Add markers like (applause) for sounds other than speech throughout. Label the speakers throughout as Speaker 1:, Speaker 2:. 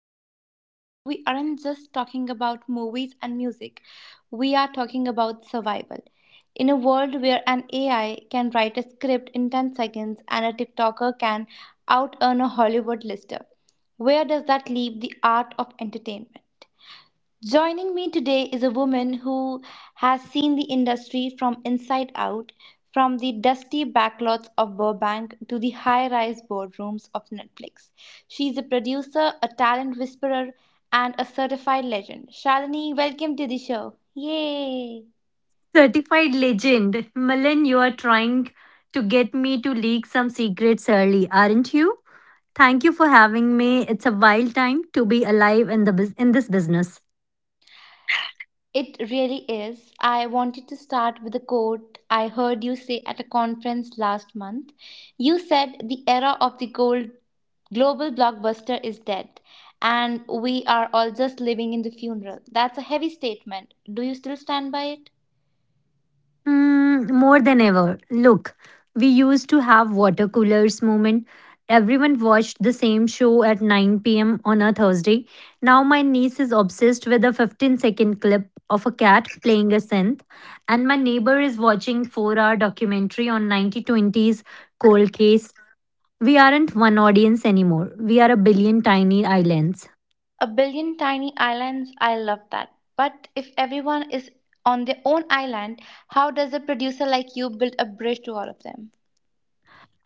Speaker 1: Milan. Today, we aren't just talking about movies and music, we are talking about survival. In a world where an AI can write a script in 10 seconds and a TikToker can out earn a Hollywood lister, where does that leave the art of entertainment? Joining me today is a woman who has seen the industry from inside out, from the dusty backlots of Burbank to the high rise boardrooms of Netflix. She's a producer, a talent whisperer, and a certified legend. Shalini, welcome to the show. Yay!
Speaker 2: Certified legend. Milan, you are trying to get me to leak some secrets early, aren't you? Thank you for having me. It's a wild time to be alive in in this business.
Speaker 1: It really is. I wanted to start with a quote I heard you say at a conference last month. You said the era of the gold Global blockbuster is dead, and we are all just living in the funeral. That's a heavy statement. Do you still stand by it?
Speaker 2: Mm, more than ever. Look, we used to have water coolers moment. Everyone watched the same show at 9 p.m. on a Thursday. Now my niece is obsessed with a 15-second clip of a cat playing a synth, and my neighbor is watching 4-hour documentary on 1920s cold case. We aren't one audience anymore. We are a billion tiny islands.
Speaker 1: A billion tiny islands, I love that. But if everyone is on their own island, how does a producer like you build a bridge to all of them?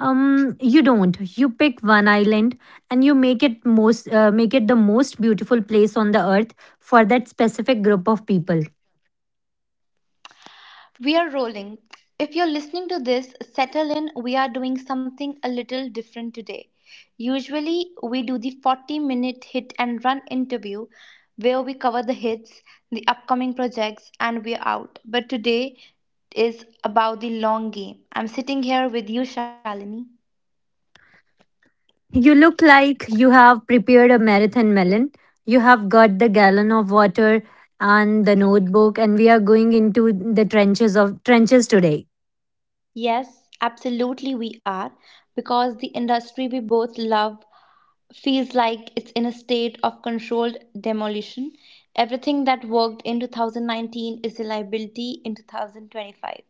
Speaker 2: You don't. You pick one island and you make it most make it the most beautiful place on the earth for that specific group of people.
Speaker 1: We are rolling. If you're listening to this, settle in. We are doing something a little different today. Usually, we do the 40-minute hit and run interview where we cover the hits, the upcoming projects, and we're out. But today is about the long game. I'm sitting here with you, Shalini.
Speaker 2: You look like you have prepared a marathon melon. You have got the gallon of water and the notebook, and we are going into the trenches of trenches today.
Speaker 1: Yes, absolutely, we are because the industry we both love feels like it's in a state of controlled demolition. Everything that worked in 2019 is a liability in 2025.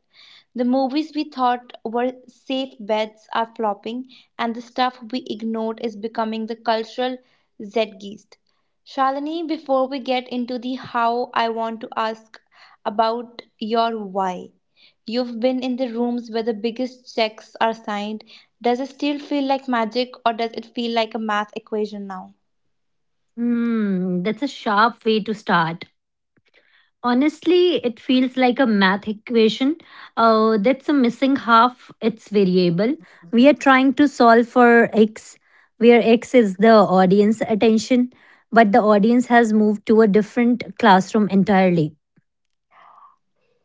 Speaker 1: The movies we thought were safe bets are flopping, and the stuff we ignored is becoming the cultural zeitgeist. Shalini, before we get into the how, I want to ask about your why. You've been in the rooms where the biggest checks are signed. Does it still feel like magic or does it feel like a math equation now?
Speaker 2: Hmm, that's a sharp way to start. Honestly, it feels like a math equation. That's a missing half its variable. We are trying to solve for x, where x is the audience attention, but the audience has moved to a different classroom entirely.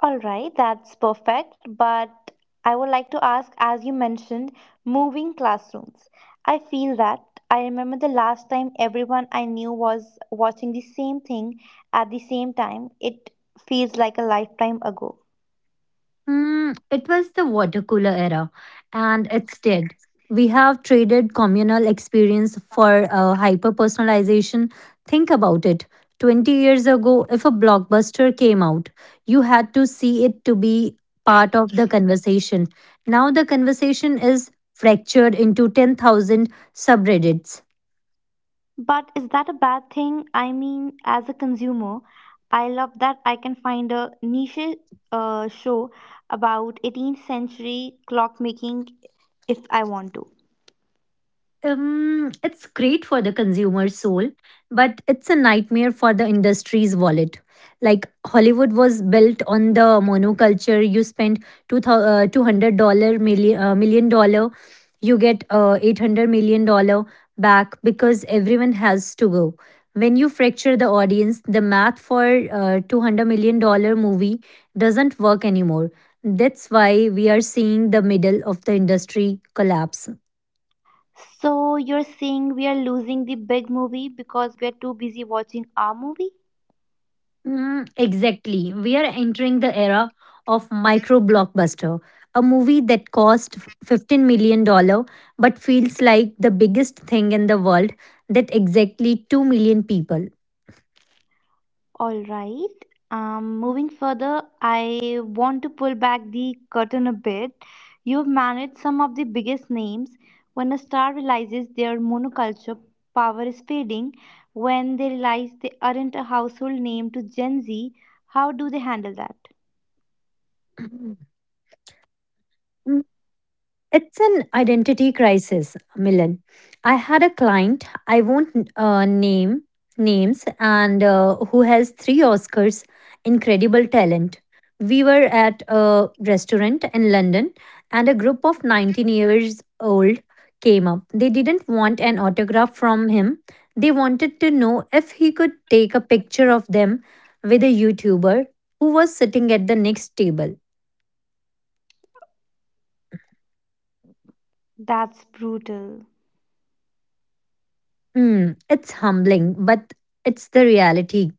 Speaker 1: All right, that's perfect. But I would like to ask, as you mentioned, moving classrooms. I feel that. I remember the last time everyone I knew was watching the same thing at the same time. It feels like a lifetime ago.
Speaker 2: Mm, it was the water cooler era, and it's dead. We have traded communal experience for hyper personalization. Think about it. 20 years ago, if a blockbuster came out, you had to see it to be part of the conversation. Now the conversation is fractured into 10,000 subreddits.
Speaker 1: But is that a bad thing? I mean, as a consumer, I love that I can find a niche show about 18th century clockmaking if I want to.
Speaker 2: It's great for the consumer's soul, but it's a nightmare for the industry's wallet. Like Hollywood was built on the monoculture. You spend $2,200 million million dollars, you get $800 million back because everyone has to go. When you fracture the audience, the math for $200 million movie doesn't work anymore. That's why we are seeing the middle of the industry collapse.
Speaker 1: So you're saying we are losing the big movie because we're too busy watching our movie?
Speaker 2: Mm, exactly. We are entering the era of micro blockbuster, a movie that cost $15 million dollar, but feels like the biggest thing in the world that exactly 2 million people.
Speaker 1: All right. Moving further, I want to pull back the curtain a bit. You've managed some of the biggest names. When a star realizes their monoculture power is fading, when they realize they aren't a household name to Gen Z, how do they handle that?
Speaker 2: (clears throat) It's an identity crisis, Milan. I had a client, I won't name names, and who has three Oscars, incredible talent. We were at a restaurant in London, and a group of 19 years old came up. They didn't want an autograph from him, they wanted to know if he could take a picture of them with a YouTuber who was sitting at the next table.
Speaker 1: That's brutal.
Speaker 2: Hmm, it's humbling, but it's the reality.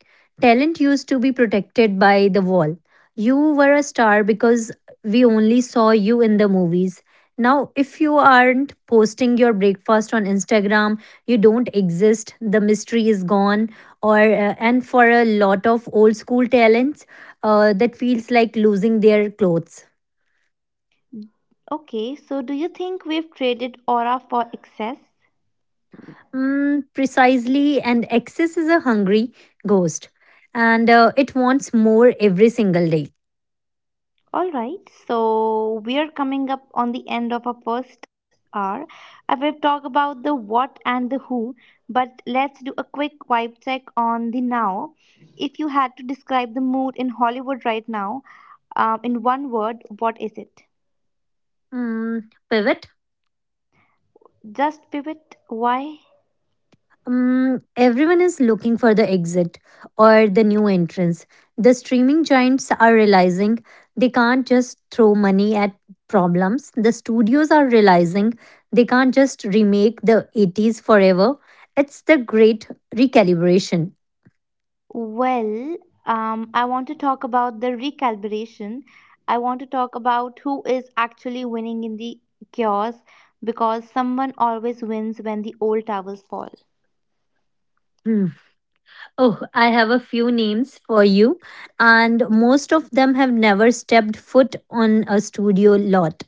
Speaker 2: Talent used to be protected by the wall. You were a star because we only saw you in the movies. Now, if you aren't posting your breakfast on Instagram, you don't exist. The mystery is gone. Or And for a lot of old school talents, that feels like losing their clothes.
Speaker 1: Okay, so do you think we've traded aura for excess?
Speaker 2: Mm, precisely, and excess is a hungry ghost, and it wants more every single day.
Speaker 1: All right, so we are coming up on the end of our first hour. I will talk about the what and the who, but let's do a quick vibe check on the now. If you had to describe the mood in Hollywood right now, in one word, what is it?
Speaker 2: Mm, pivot.
Speaker 1: Just pivot. Why?
Speaker 2: Everyone is looking for the exit or the new entrance. The streaming giants are realizing they can't just throw money at problems. The studios are realizing they can't just remake the 80s forever. It's the great recalibration.
Speaker 1: Well, I want to talk about the recalibration. I want to talk about who is actually winning in the chaos because someone always wins when the old towers fall.
Speaker 2: Hmm. Oh, I have a few names for you, and most of them have never stepped foot on a studio lot.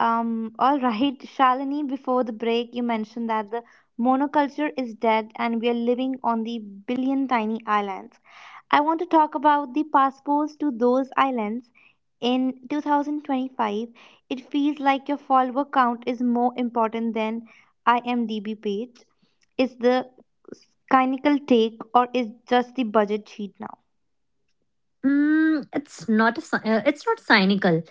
Speaker 1: All right, Shalini, before the break, you mentioned that the monoculture is dead and we are living on the billion tiny islands. I want to talk about the passports to those islands. In 2025, it feels like your follower count is more important than IMDb page. Is the cynical take or is just the budget cheat now?
Speaker 2: Mm, it's not cynical.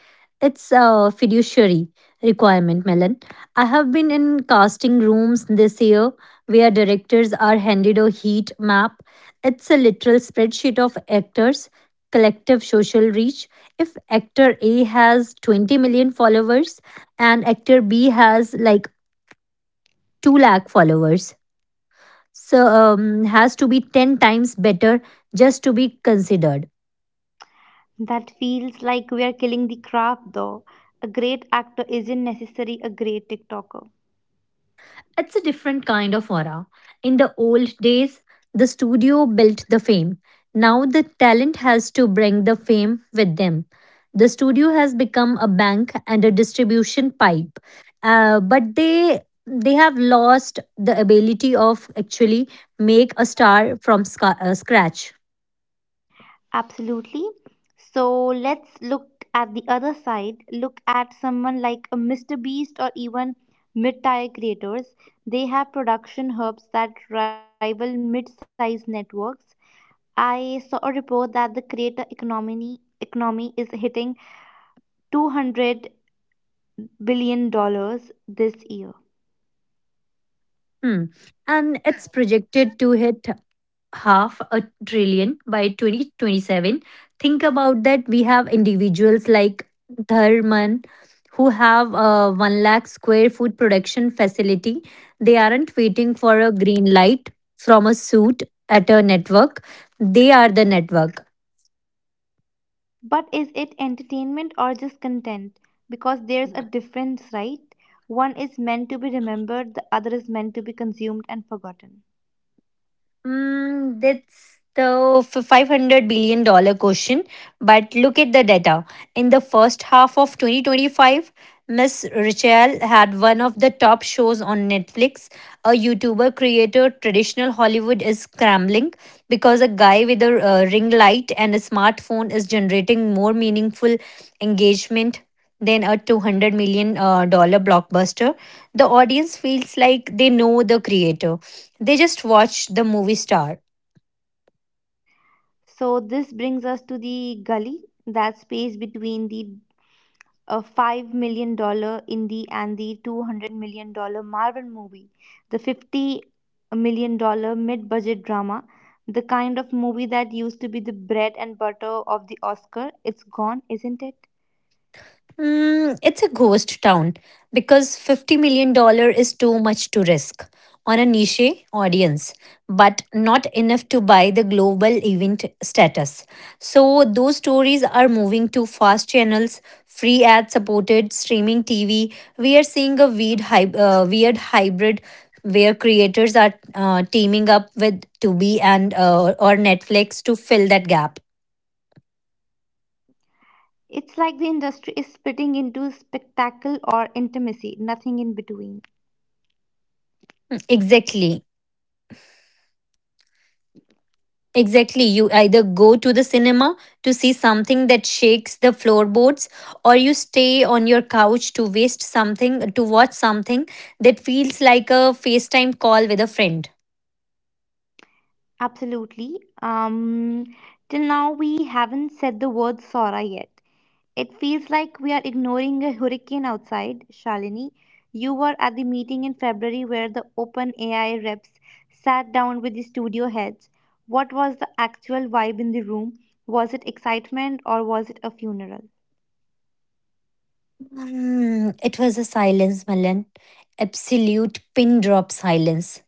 Speaker 2: It's a fiduciary requirement, Melon. I have been in casting rooms this year where directors are handed a heat map. It's a literal spreadsheet of actors, collective social reach. If actor A has 20 million followers and actor B has like 2 lakh followers, so has to be 10 times better just to be considered.
Speaker 1: That feels like we are killing the craft though. A great actor isn't necessarily a great TikToker.
Speaker 2: It's a different kind of aura. In the old days, the studio built the fame. Now the talent has to bring the fame with them. The studio has become a bank and a distribution pipe. But they have lost the ability of actually make a star from scratch.
Speaker 1: Absolutely. So let's look at the other side. Look at someone like a Mr. Beast or even mid tier creators. They have production hubs that rival mid sized networks. I saw a report that the creator economy is hitting 200 dollars this year.
Speaker 2: Hmm. And it's projected to hit half a trillion by 2027. Think about that. We have individuals like Dharman who have a 1 lakh square foot production facility. They aren't waiting for a green light from a suit at a network. They are the network.
Speaker 1: But is it entertainment or just content? Because there's a difference, right? One is meant to be remembered, the other is meant to be consumed and forgotten.
Speaker 2: Mm, 500 billion-dollar question. But look at the data. In the first half of 2025, Miss Rachel had one of the top shows on Netflix. A YouTuber creator, traditional Hollywood is scrambling because a guy with a ring light and a smartphone is generating more meaningful engagement than a 200 million dollar blockbuster. The audience feels like they know the creator. They just watch the movie star.
Speaker 1: So, this brings us to the gully, that space between the $5 million dollar indie and the $200 million dollar Marvel movie, the $50 million dollar mid budget drama, the kind of movie that used to be the bread and butter of the Oscar. It's gone, isn't it?
Speaker 2: Mm, it's a ghost town because $50 million dollars is too much to risk on a niche audience, but not enough to buy the global event status. So, those stories are moving to fast channels, free ad supported streaming TV. We are seeing a weird hybrid where creators are teaming up with Tubi and or Netflix to fill that gap.
Speaker 1: It's like the industry is splitting into spectacle or intimacy, nothing in between.
Speaker 2: Exactly. Exactly. You either go to the cinema to see something that shakes the floorboards, or you stay on your couch to waste something, to watch something that feels like a FaceTime call with a friend.
Speaker 1: Absolutely. Till now, we haven't said the word Sora yet. It feels like we are ignoring a hurricane outside, Shalini. You were at the meeting in February where the OpenAI reps sat down with the studio heads. What was the actual vibe in the room? Was it excitement or was it a funeral?
Speaker 2: Hmm, it was a silence, Milan. Absolute pin drop silence.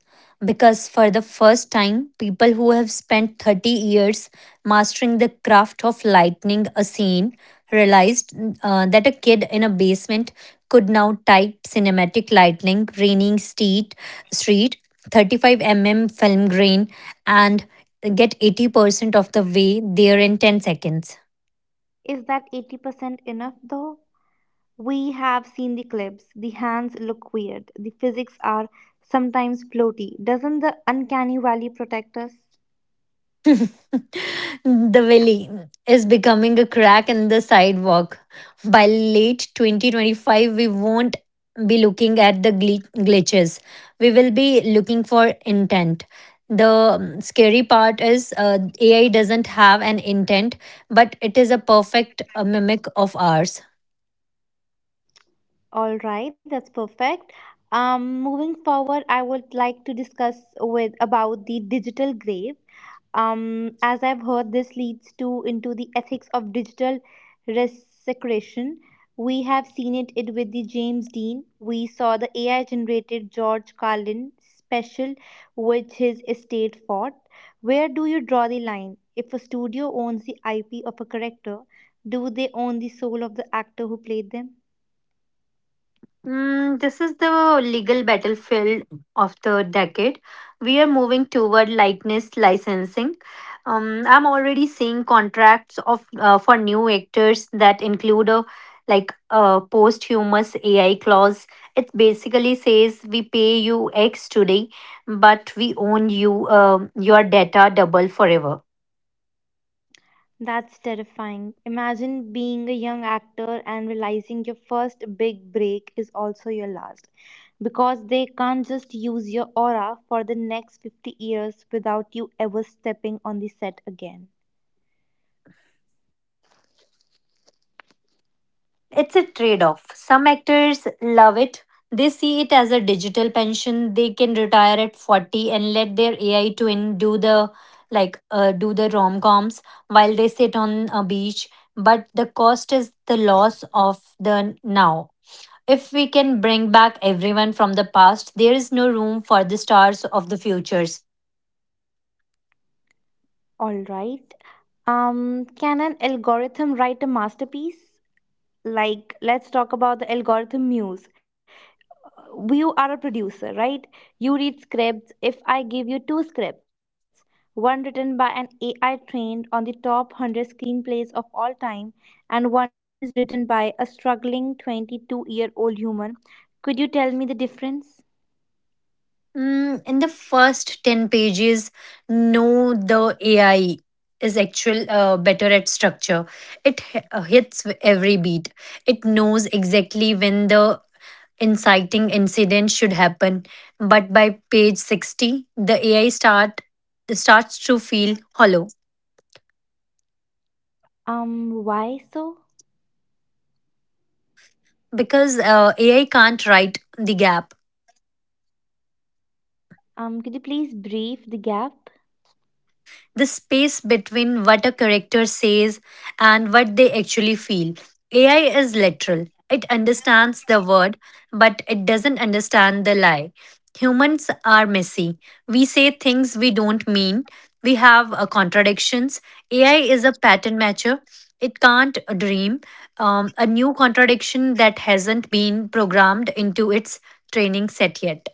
Speaker 2: Because for the first time, people who have spent 30 years mastering the craft of lightning a scene realized that a kid in a basement could now type cinematic lightning, raining street, 35 mm film grain, and get 80% of the way there in 10 seconds.
Speaker 1: Is that 80% enough though? We have seen the clips. The hands look weird. The physics are sometimes floaty. Doesn't the uncanny valley protect us?
Speaker 2: (laughs) The valley is becoming a crack in the sidewalk. By late 2025, we won't be looking at the glitches. We will be looking for intent. The scary part is AI doesn't have an intent, but it is a perfect mimic of ours.
Speaker 1: All right, that's perfect. Moving forward, I would like to discuss with about the digital grave. As I've heard, this leads to into the ethics of digital resecration. We have seen it with the James Dean. We saw the AI generated George Carlin special, which his estate fought. Where do you draw the line? If a studio owns the IP of a character, do they own the soul of the actor who played them?
Speaker 2: Mm, this is the legal battlefield of the decade. We are moving toward likeness licensing. I'm already seeing contracts of for new actors that include a a posthumous AI clause. It basically says we pay you X today, but we own your data double forever.
Speaker 1: That's terrifying. Imagine being a young actor and realizing your first big break is also your last because they can't just use your aura for the next 50 years without you ever stepping on the set again.
Speaker 2: It's a trade off. Some actors love it. They see it as a digital pension. They can retire at 40 and let their AI twin do the like do the rom-coms while they sit on a beach, but the cost is the loss of the now. If we can bring back everyone from the past, there is no room for the stars of the futures.
Speaker 1: All right. Um can an algorithm write a masterpiece? Like let's talk about the algorithm muse. You are a producer, right? You read scripts. If I give you two scripts, one written by an AI trained on the top 100 screenplays of all time, and one is written by a struggling 22-year-old human, could you tell me the difference?
Speaker 2: Mm, in the first 10 pages, no, the AI is actual better at structure. It hits every beat. It knows exactly when the inciting incident should happen. But by page 60, the AI starts to feel hollow
Speaker 1: Why so?
Speaker 2: because AI can't write the gap.
Speaker 1: Could you please brief the gap?
Speaker 2: The space between what a character says and what they actually feel. AI is literal. It understands the word, but it doesn't understand the lie. Humans are messy. We say things we don't mean. We have contradictions. AI is a pattern matcher. It can't dream a new contradiction that hasn't been programmed into its training set yet.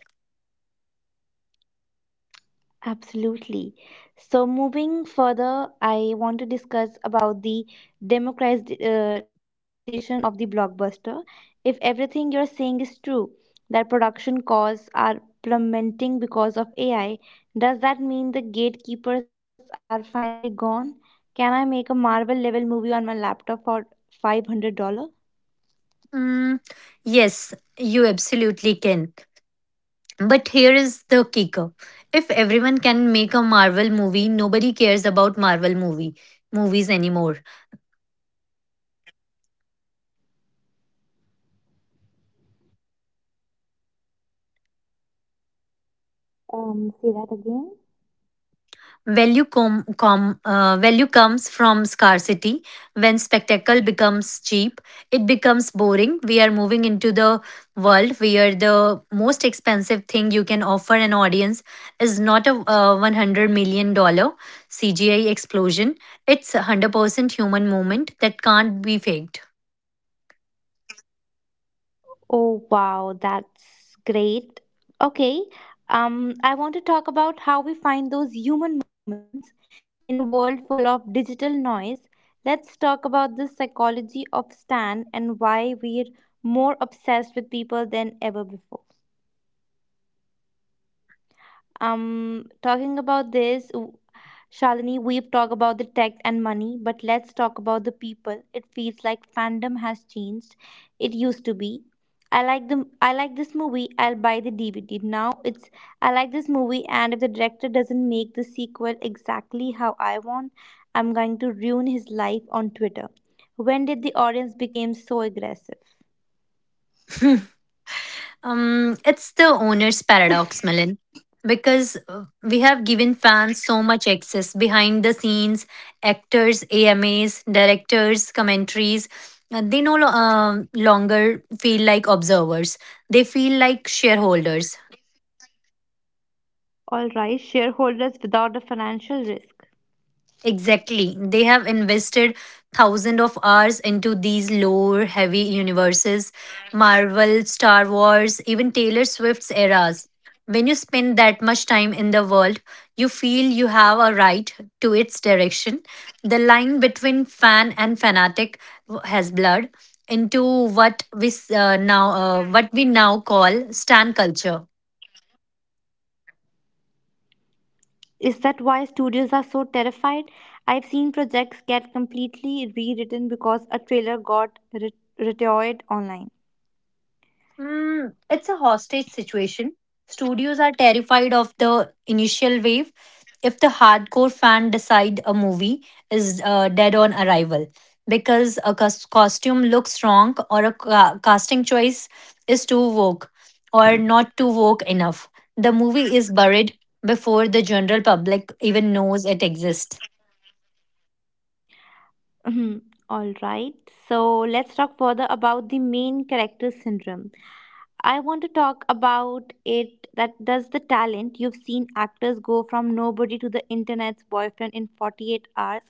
Speaker 1: Absolutely. So moving further, I want to discuss about the democratization of the blockbuster. If everything you're saying is true, that production costs are plummeting because of AI, does that mean the gatekeepers are finally gone? Can I make a Marvel level movie on my laptop for $500?
Speaker 2: Mm, yes, you absolutely can. But here is the kicker. If everyone can make a Marvel movie, nobody cares about Marvel movies anymore.
Speaker 1: Say that again.
Speaker 2: Value comes from scarcity. When spectacle becomes cheap, it becomes boring. We are moving into the world where the most expensive thing you can offer an audience is not a 100 million-dollar CGI explosion. It's a 100% human moment that can't be faked.
Speaker 1: Oh, wow, that's great. Okay, I want to talk about how we find those human moments in a world full of digital noise. Let's talk about the psychology of Stan and why we're more obsessed with people than ever before. Talking about this, w- Shalini, we've talked about the tech and money, but let's talk about the people. It feels like fandom has changed. It used to be. I like this movie. I'll buy the DVD. Now it's I like this movie, and if the director doesn't make the sequel exactly how I want, I'm going to ruin his life on Twitter. When did the audience become so aggressive?
Speaker 2: (laughs) It's the owner's paradox, Milan, because we have given fans so much access behind the scenes, actors, AMAs, directors, commentaries. They no longer feel like observers. They feel like shareholders.
Speaker 1: All right, shareholders without a financial risk.
Speaker 2: Exactly. They have invested thousands of hours into these lore heavy universes, Marvel, Star Wars, even Taylor Swift's eras. When you spend that much time in the world, you feel you have a right to its direction. The line between fan and fanatic has blurred into what we now call stan culture.
Speaker 1: Is that why studios are so terrified? I've seen projects get completely rewritten because a trailer got retired online.
Speaker 2: Mm, it's a hostage situation. Studios are terrified of the initial wave. If the hardcore fan decide a movie is dead on arrival because a costume looks wrong or a casting choice is too woke or not too woke enough, the movie is buried before the general public even knows it exists.
Speaker 1: Mhm. All right, so let's talk further about the main character syndrome. I want to talk about it that does the talent. You've seen actors go from nobody to the internet's boyfriend in 48 hours.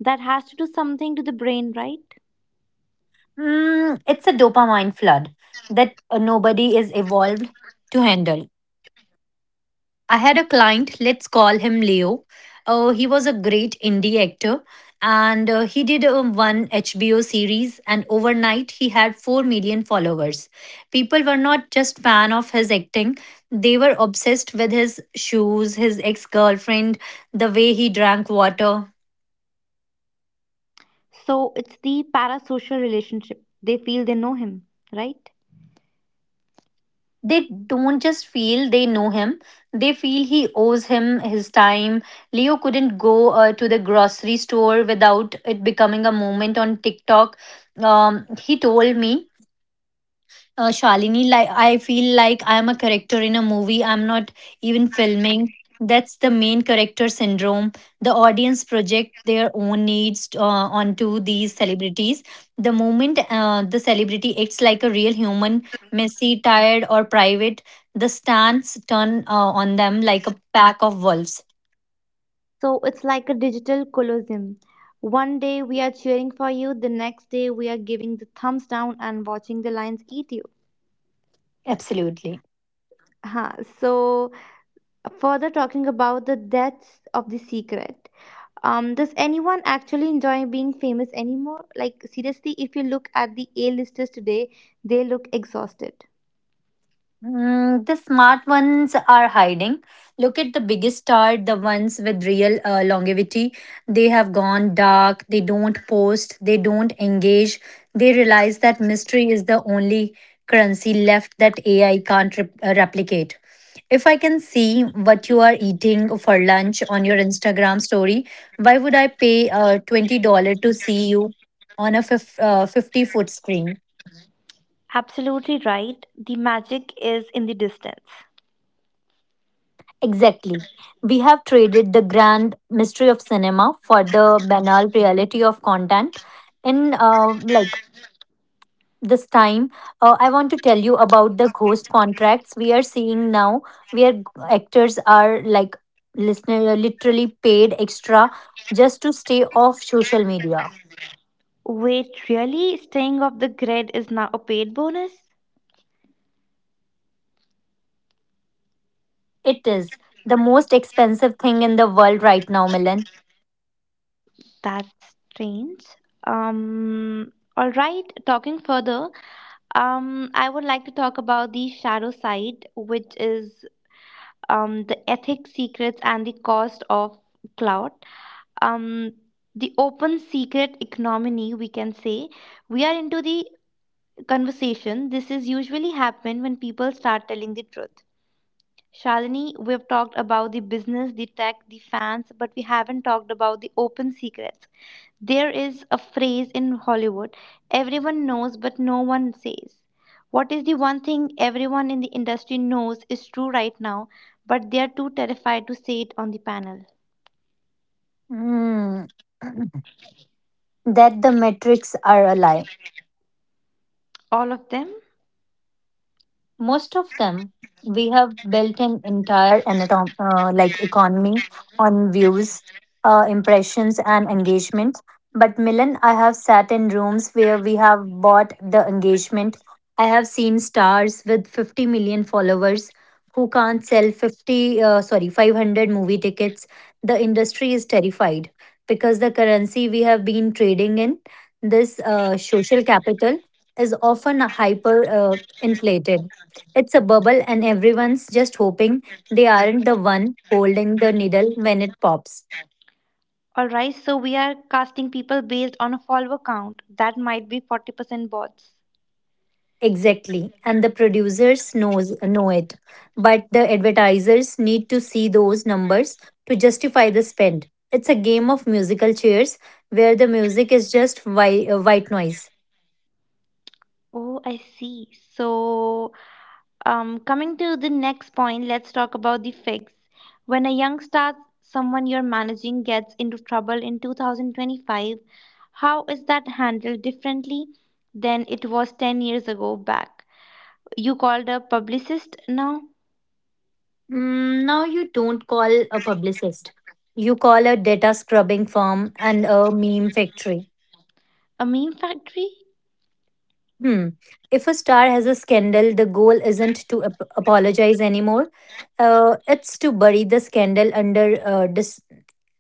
Speaker 1: That has to do something to the brain, right?
Speaker 2: Mm, it's a dopamine flood that nobody is evolved to handle. I had a client, let's call him Leo. He was a great indie actor and he did one HBO series and overnight he had 4 million followers. People were not just fan of his acting. They were obsessed with his shoes, his ex-girlfriend, the way he drank water.
Speaker 1: So it's the parasocial relationship. They feel they know him, right?
Speaker 2: They don't just feel they know him, they feel he owes him his time. Leo couldn't go to the grocery store without it becoming a moment on TikTok. He told me, Shalini, like I feel like I am a character in a movie. I'm not even filming. That's the main character syndrome. The audience project their own needs onto these celebrities. The moment the celebrity acts like a real human, messy, tired, or private, the stance turn on them like a pack of wolves.
Speaker 1: So it's like a digital colosseum. One day we are cheering for you, the next day we are giving the thumbs down and watching the lions eat you.
Speaker 2: Absolutely.
Speaker 1: Huh. So further talking about the deaths of the secret. Does anyone actually enjoy being famous anymore? Like seriously, if you look at the A-listers today, they look exhausted.
Speaker 2: The smart ones are hiding. Look at the biggest star, the ones with real longevity. They have gone dark, they don't post, they don't engage. They realize that mystery is the only currency left that AI can't replicate. If I can see what you are eating for lunch on your Instagram story, why would I pay $20 to see you on a 50-foot screen?
Speaker 1: Absolutely right. The magic is in the distance.
Speaker 2: Exactly. We have traded the grand mystery of cinema for the banal reality of content. In this time, I want to tell you about the ghost contracts we are seeing now, where actors are like listener literally paid extra just to stay off social media.
Speaker 1: Wait, really? Staying off the grid is now a paid bonus?
Speaker 2: It is the most expensive thing in the world right now, Milan.
Speaker 1: That's strange. All right, talking further, I would like to talk about the shadow side, which is the ethics, secrets, and the cost of cloud. Um, the open secret economy, we can say. We are into the conversation. This is usually happen when people start telling the truth. Shalini, we've talked about the business, the tech, the fans, but we haven't talked about the open secrets. There is a phrase in Hollywood everyone knows but no one says. What is the one thing everyone in the industry knows is true right now, but they are too terrified to say it on the panel?
Speaker 2: Hmm. (clears throat) That the metrics are a lie.
Speaker 1: All of them?
Speaker 2: Most of them. We have built an entire economy on views, impressions and engagement. But Milan, I have sat in rooms where we have bought the engagement. I have seen stars with 50 million followers who can't sell 50 uh, sorry 500 movie tickets. The industry is terrified because the currency we have been trading in, this social capital, is often hyper inflated. It's a bubble, and everyone's just hoping they aren't the one holding the needle when it pops.
Speaker 1: Alright, so we are casting people based on a follower count. That might be 40% bots.
Speaker 2: Exactly. And the producers know it. But the advertisers need to see those numbers to justify the spend. It's a game of musical chairs where the music is just white noise.
Speaker 1: Oh, I see. So coming to the next point, let's talk about the fix. When a young star, someone you're managing, gets into trouble in 2025, how is that handled differently than it was 10 years ago back? You called a publicist now?
Speaker 2: Now you don't call a publicist. You call a data scrubbing firm and a meme factory.
Speaker 1: A meme factory?
Speaker 2: Hmm. If a star has a scandal, the goal isn't to apologize anymore. It's to bury the scandal under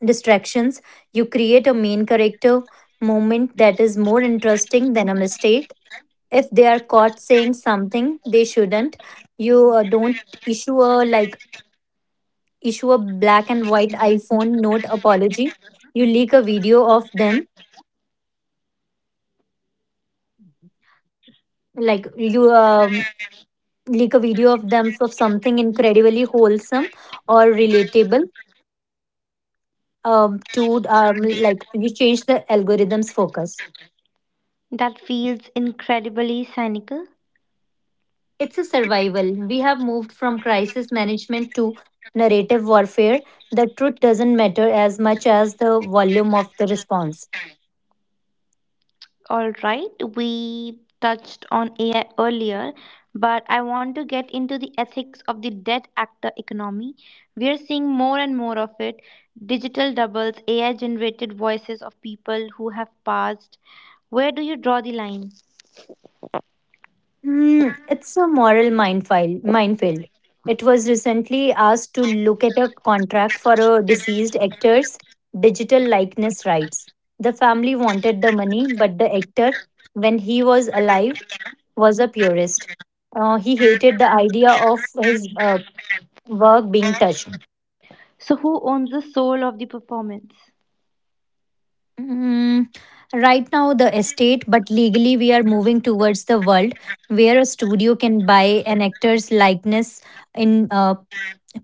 Speaker 2: distractions. You create a main character moment that is more interesting than a mistake. If they are caught saying something they shouldn't, you don't issue a like issue a black and white iPhone note apology. You leak a video of them, like you um, like a video of them of something incredibly wholesome or relatable, to like we change the algorithm's focus.
Speaker 1: That feels incredibly cynical.
Speaker 2: It's a survival. We have moved from crisis management to narrative warfare. The truth doesn't matter as much as the volume of the response.
Speaker 1: All right, we touched on AI earlier, but I want to get into the ethics of the dead actor economy. We are seeing more and more of it digital doubles, AI generated voices of people who have passed. Where do you draw the line?
Speaker 2: It's a moral minefield. Minefield. It was recently asked to look at a contract for a deceased actor's digital likeness rights. The family wanted the money, but the actor, when he was alive, was a purist. He hated the idea of his work being touched.
Speaker 1: So, who owns the soul of the performance?
Speaker 2: Mm, right now, the estate, but legally, we are moving towards the world where a studio can buy an actor's likeness in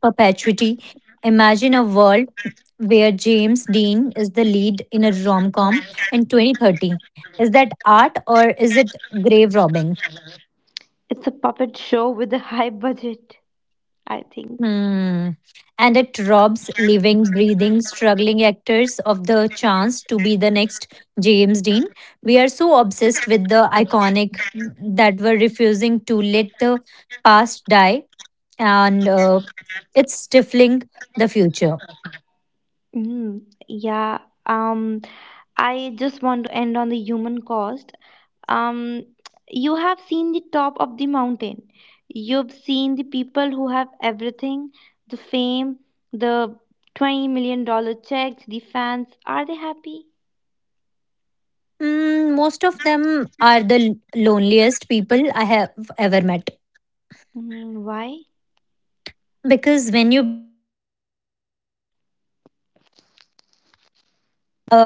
Speaker 2: perpetuity. Imagine a world where James Dean is the lead in a rom com in 2030. Is that art or is it grave robbing?
Speaker 1: It's a puppet show with a high (laughs) budget, I think.
Speaker 2: Hmm. And it robs living, breathing, struggling actors of the chance to be the next James Dean. We are so obsessed with the iconic that we're refusing to let the past die, and it's stifling the future.
Speaker 1: Mm, yeah. Um, I just want to end on the human cost. um, you have seen the top of the mountain, you've seen the people who have everything, the fame, the 20 dollar checks, the fans, are they happy?
Speaker 2: Most of them are the loneliest people I have ever met.
Speaker 1: Mm, why?
Speaker 2: Because when you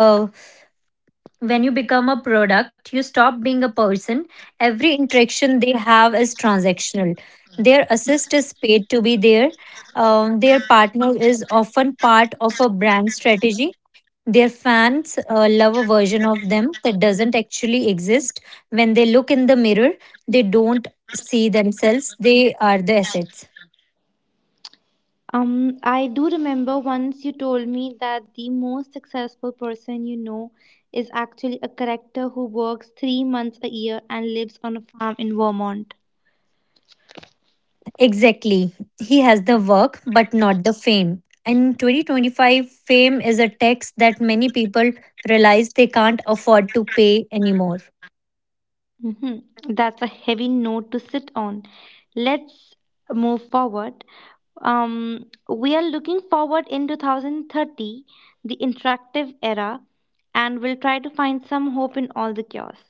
Speaker 3: uh, when you become a product, you stop being a person. Every interaction they have is transactional. Their assist is paid to be there. Their partner is often part of a brand strategy. Their fans love a version of them that doesn't actually exist. When they look in the mirror, they don't see themselves, they are the assets.
Speaker 1: Um I do remember once you told me that the most successful person you know is actually a character who works 3 months a year and lives on a farm in Vermont.
Speaker 3: Exactly. He has the work, but not the fame. In 2025, fame is a tax that many people realize they can't afford to pay anymore.
Speaker 1: Hmm. That's a heavy note to sit on. Let's move forward. We are looking forward in 2030, the interactive era, and we'll try to find some hope in all the chaos.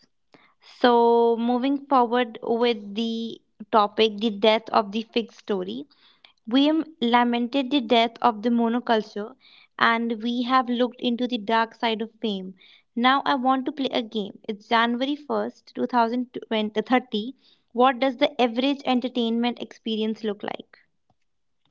Speaker 1: So, moving forward with the topic, the death of the fig story, we lamented the death of the monoculture and we have looked into the dark side of fame. Now, I want to play a game. It's January 1st, 2020. What does the average entertainment experience look like?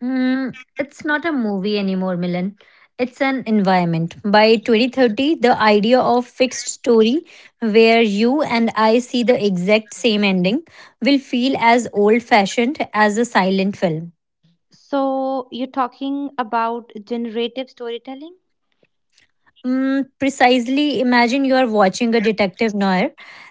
Speaker 3: It's not a movie anymore, Milan. It's an environment. By 2030, the idea of fixed story, where you and I see the exact same ending, will feel as old fashioned as a silent film.
Speaker 1: So, you're talking about generative storytelling?
Speaker 3: Precisely. Imagine you are watching a detective noir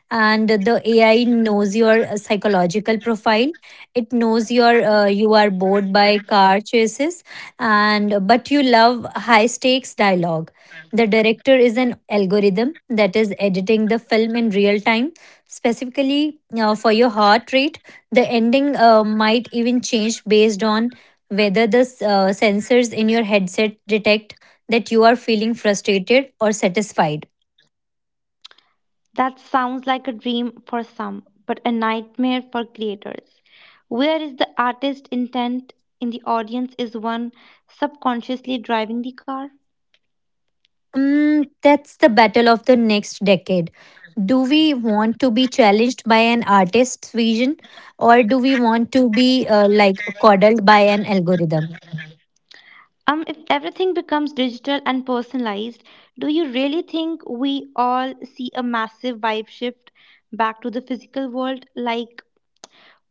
Speaker 3: and the AI knows your psychological profile. It knows your you are bored by car chases and but you love high stakes dialogue. The director is an algorithm that is editing the film in real time, specifically for your heart rate. The ending might even change based on whether the sensors in your headset detect that you are feeling frustrated or satisfied?
Speaker 1: That sounds like a dream for some, but a nightmare for creators. Where is the artist intent in the audience is one subconsciously driving the car?
Speaker 3: That's the battle of the next decade. Do we want to be challenged by an artist's vision or do we want to be like coddled by an algorithm?
Speaker 1: If everything becomes digital and personalized, do you really think we all see a massive vibe shift back to the physical world? Like,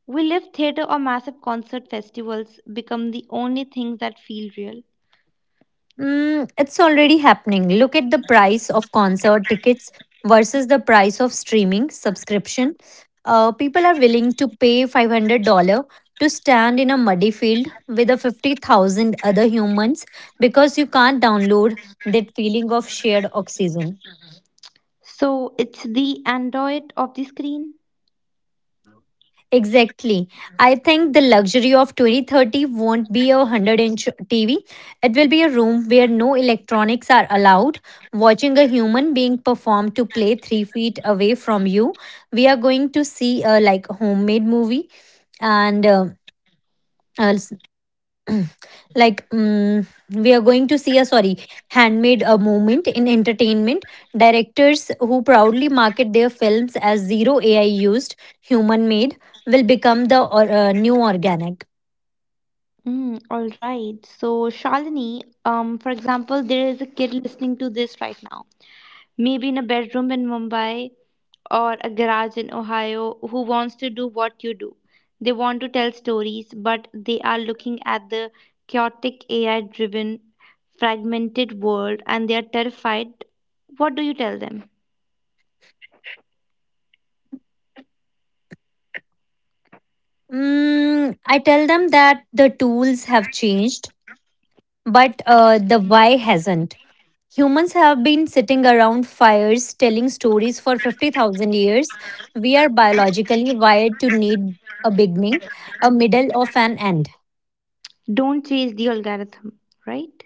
Speaker 1: will live theater or massive concert festivals become the only things that feel real?
Speaker 3: It's already happening. Look at the price of concert tickets versus the price of streaming subscription. People are willing to pay $500 to stand in a muddy field with a 50,000 other humans because you can't download that feeling of shared oxygen.
Speaker 1: So it's the android of the screen.
Speaker 3: Exactly. I think the luxury of 2030 won't be a 100 inch TV. It will be a room where no electronics are allowed. Watching a human being perform to play 3 feet away from you. We are going to see a like homemade movie and uh, (clears throat) like we are going to see a sorry handmade a movement in entertainment directors who proudly market their films as zero ai used human made will become the new organic.
Speaker 1: Mm, all right. So Shalini, for example, there is a kid listening to this right now, maybe in a bedroom in Mumbai or a garage in Ohio, who wants to do what you do. They want to tell stories, but they are looking at the chaotic AI-driven, fragmented world, and they are terrified. What do you tell them?
Speaker 3: I tell them that the tools have changed but the why hasn't. Humans have been sitting around fires telling stories for 50,000 years. We are biologically wired to need a beginning, a middle of an end.
Speaker 1: Don't chase the algorithm, right?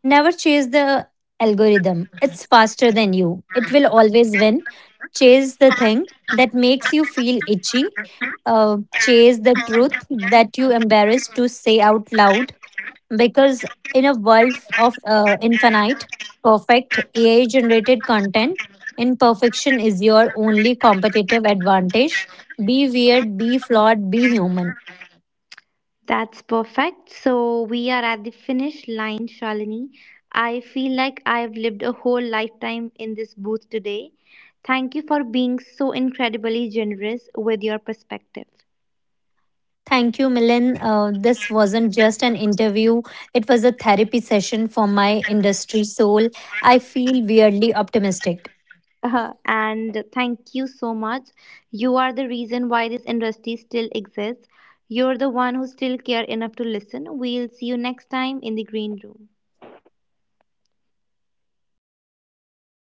Speaker 3: Never chase the algorithm. It's faster than you. It will always win. Chase the thing that makes you feel itchy. Chase the truth that you embarrassed to say out loud. Because in a world of infinite, perfect AI generated content, imperfection is your only competitive advantage. Be weird, be flawed, be human.
Speaker 1: That's perfect. So we are at the finish line, Shalini. I feel like I've lived a whole lifetime in this booth today. Thank you for being so incredibly generous with your perspective.
Speaker 3: Thank you, Milan. This wasn't just an interview, it was a therapy session for my industry soul. I feel weirdly optimistic.
Speaker 1: And thank you so much. You are the reason why this industry still exists. You're the one who still care enough to listen. We'll see you next time in the green room. Thank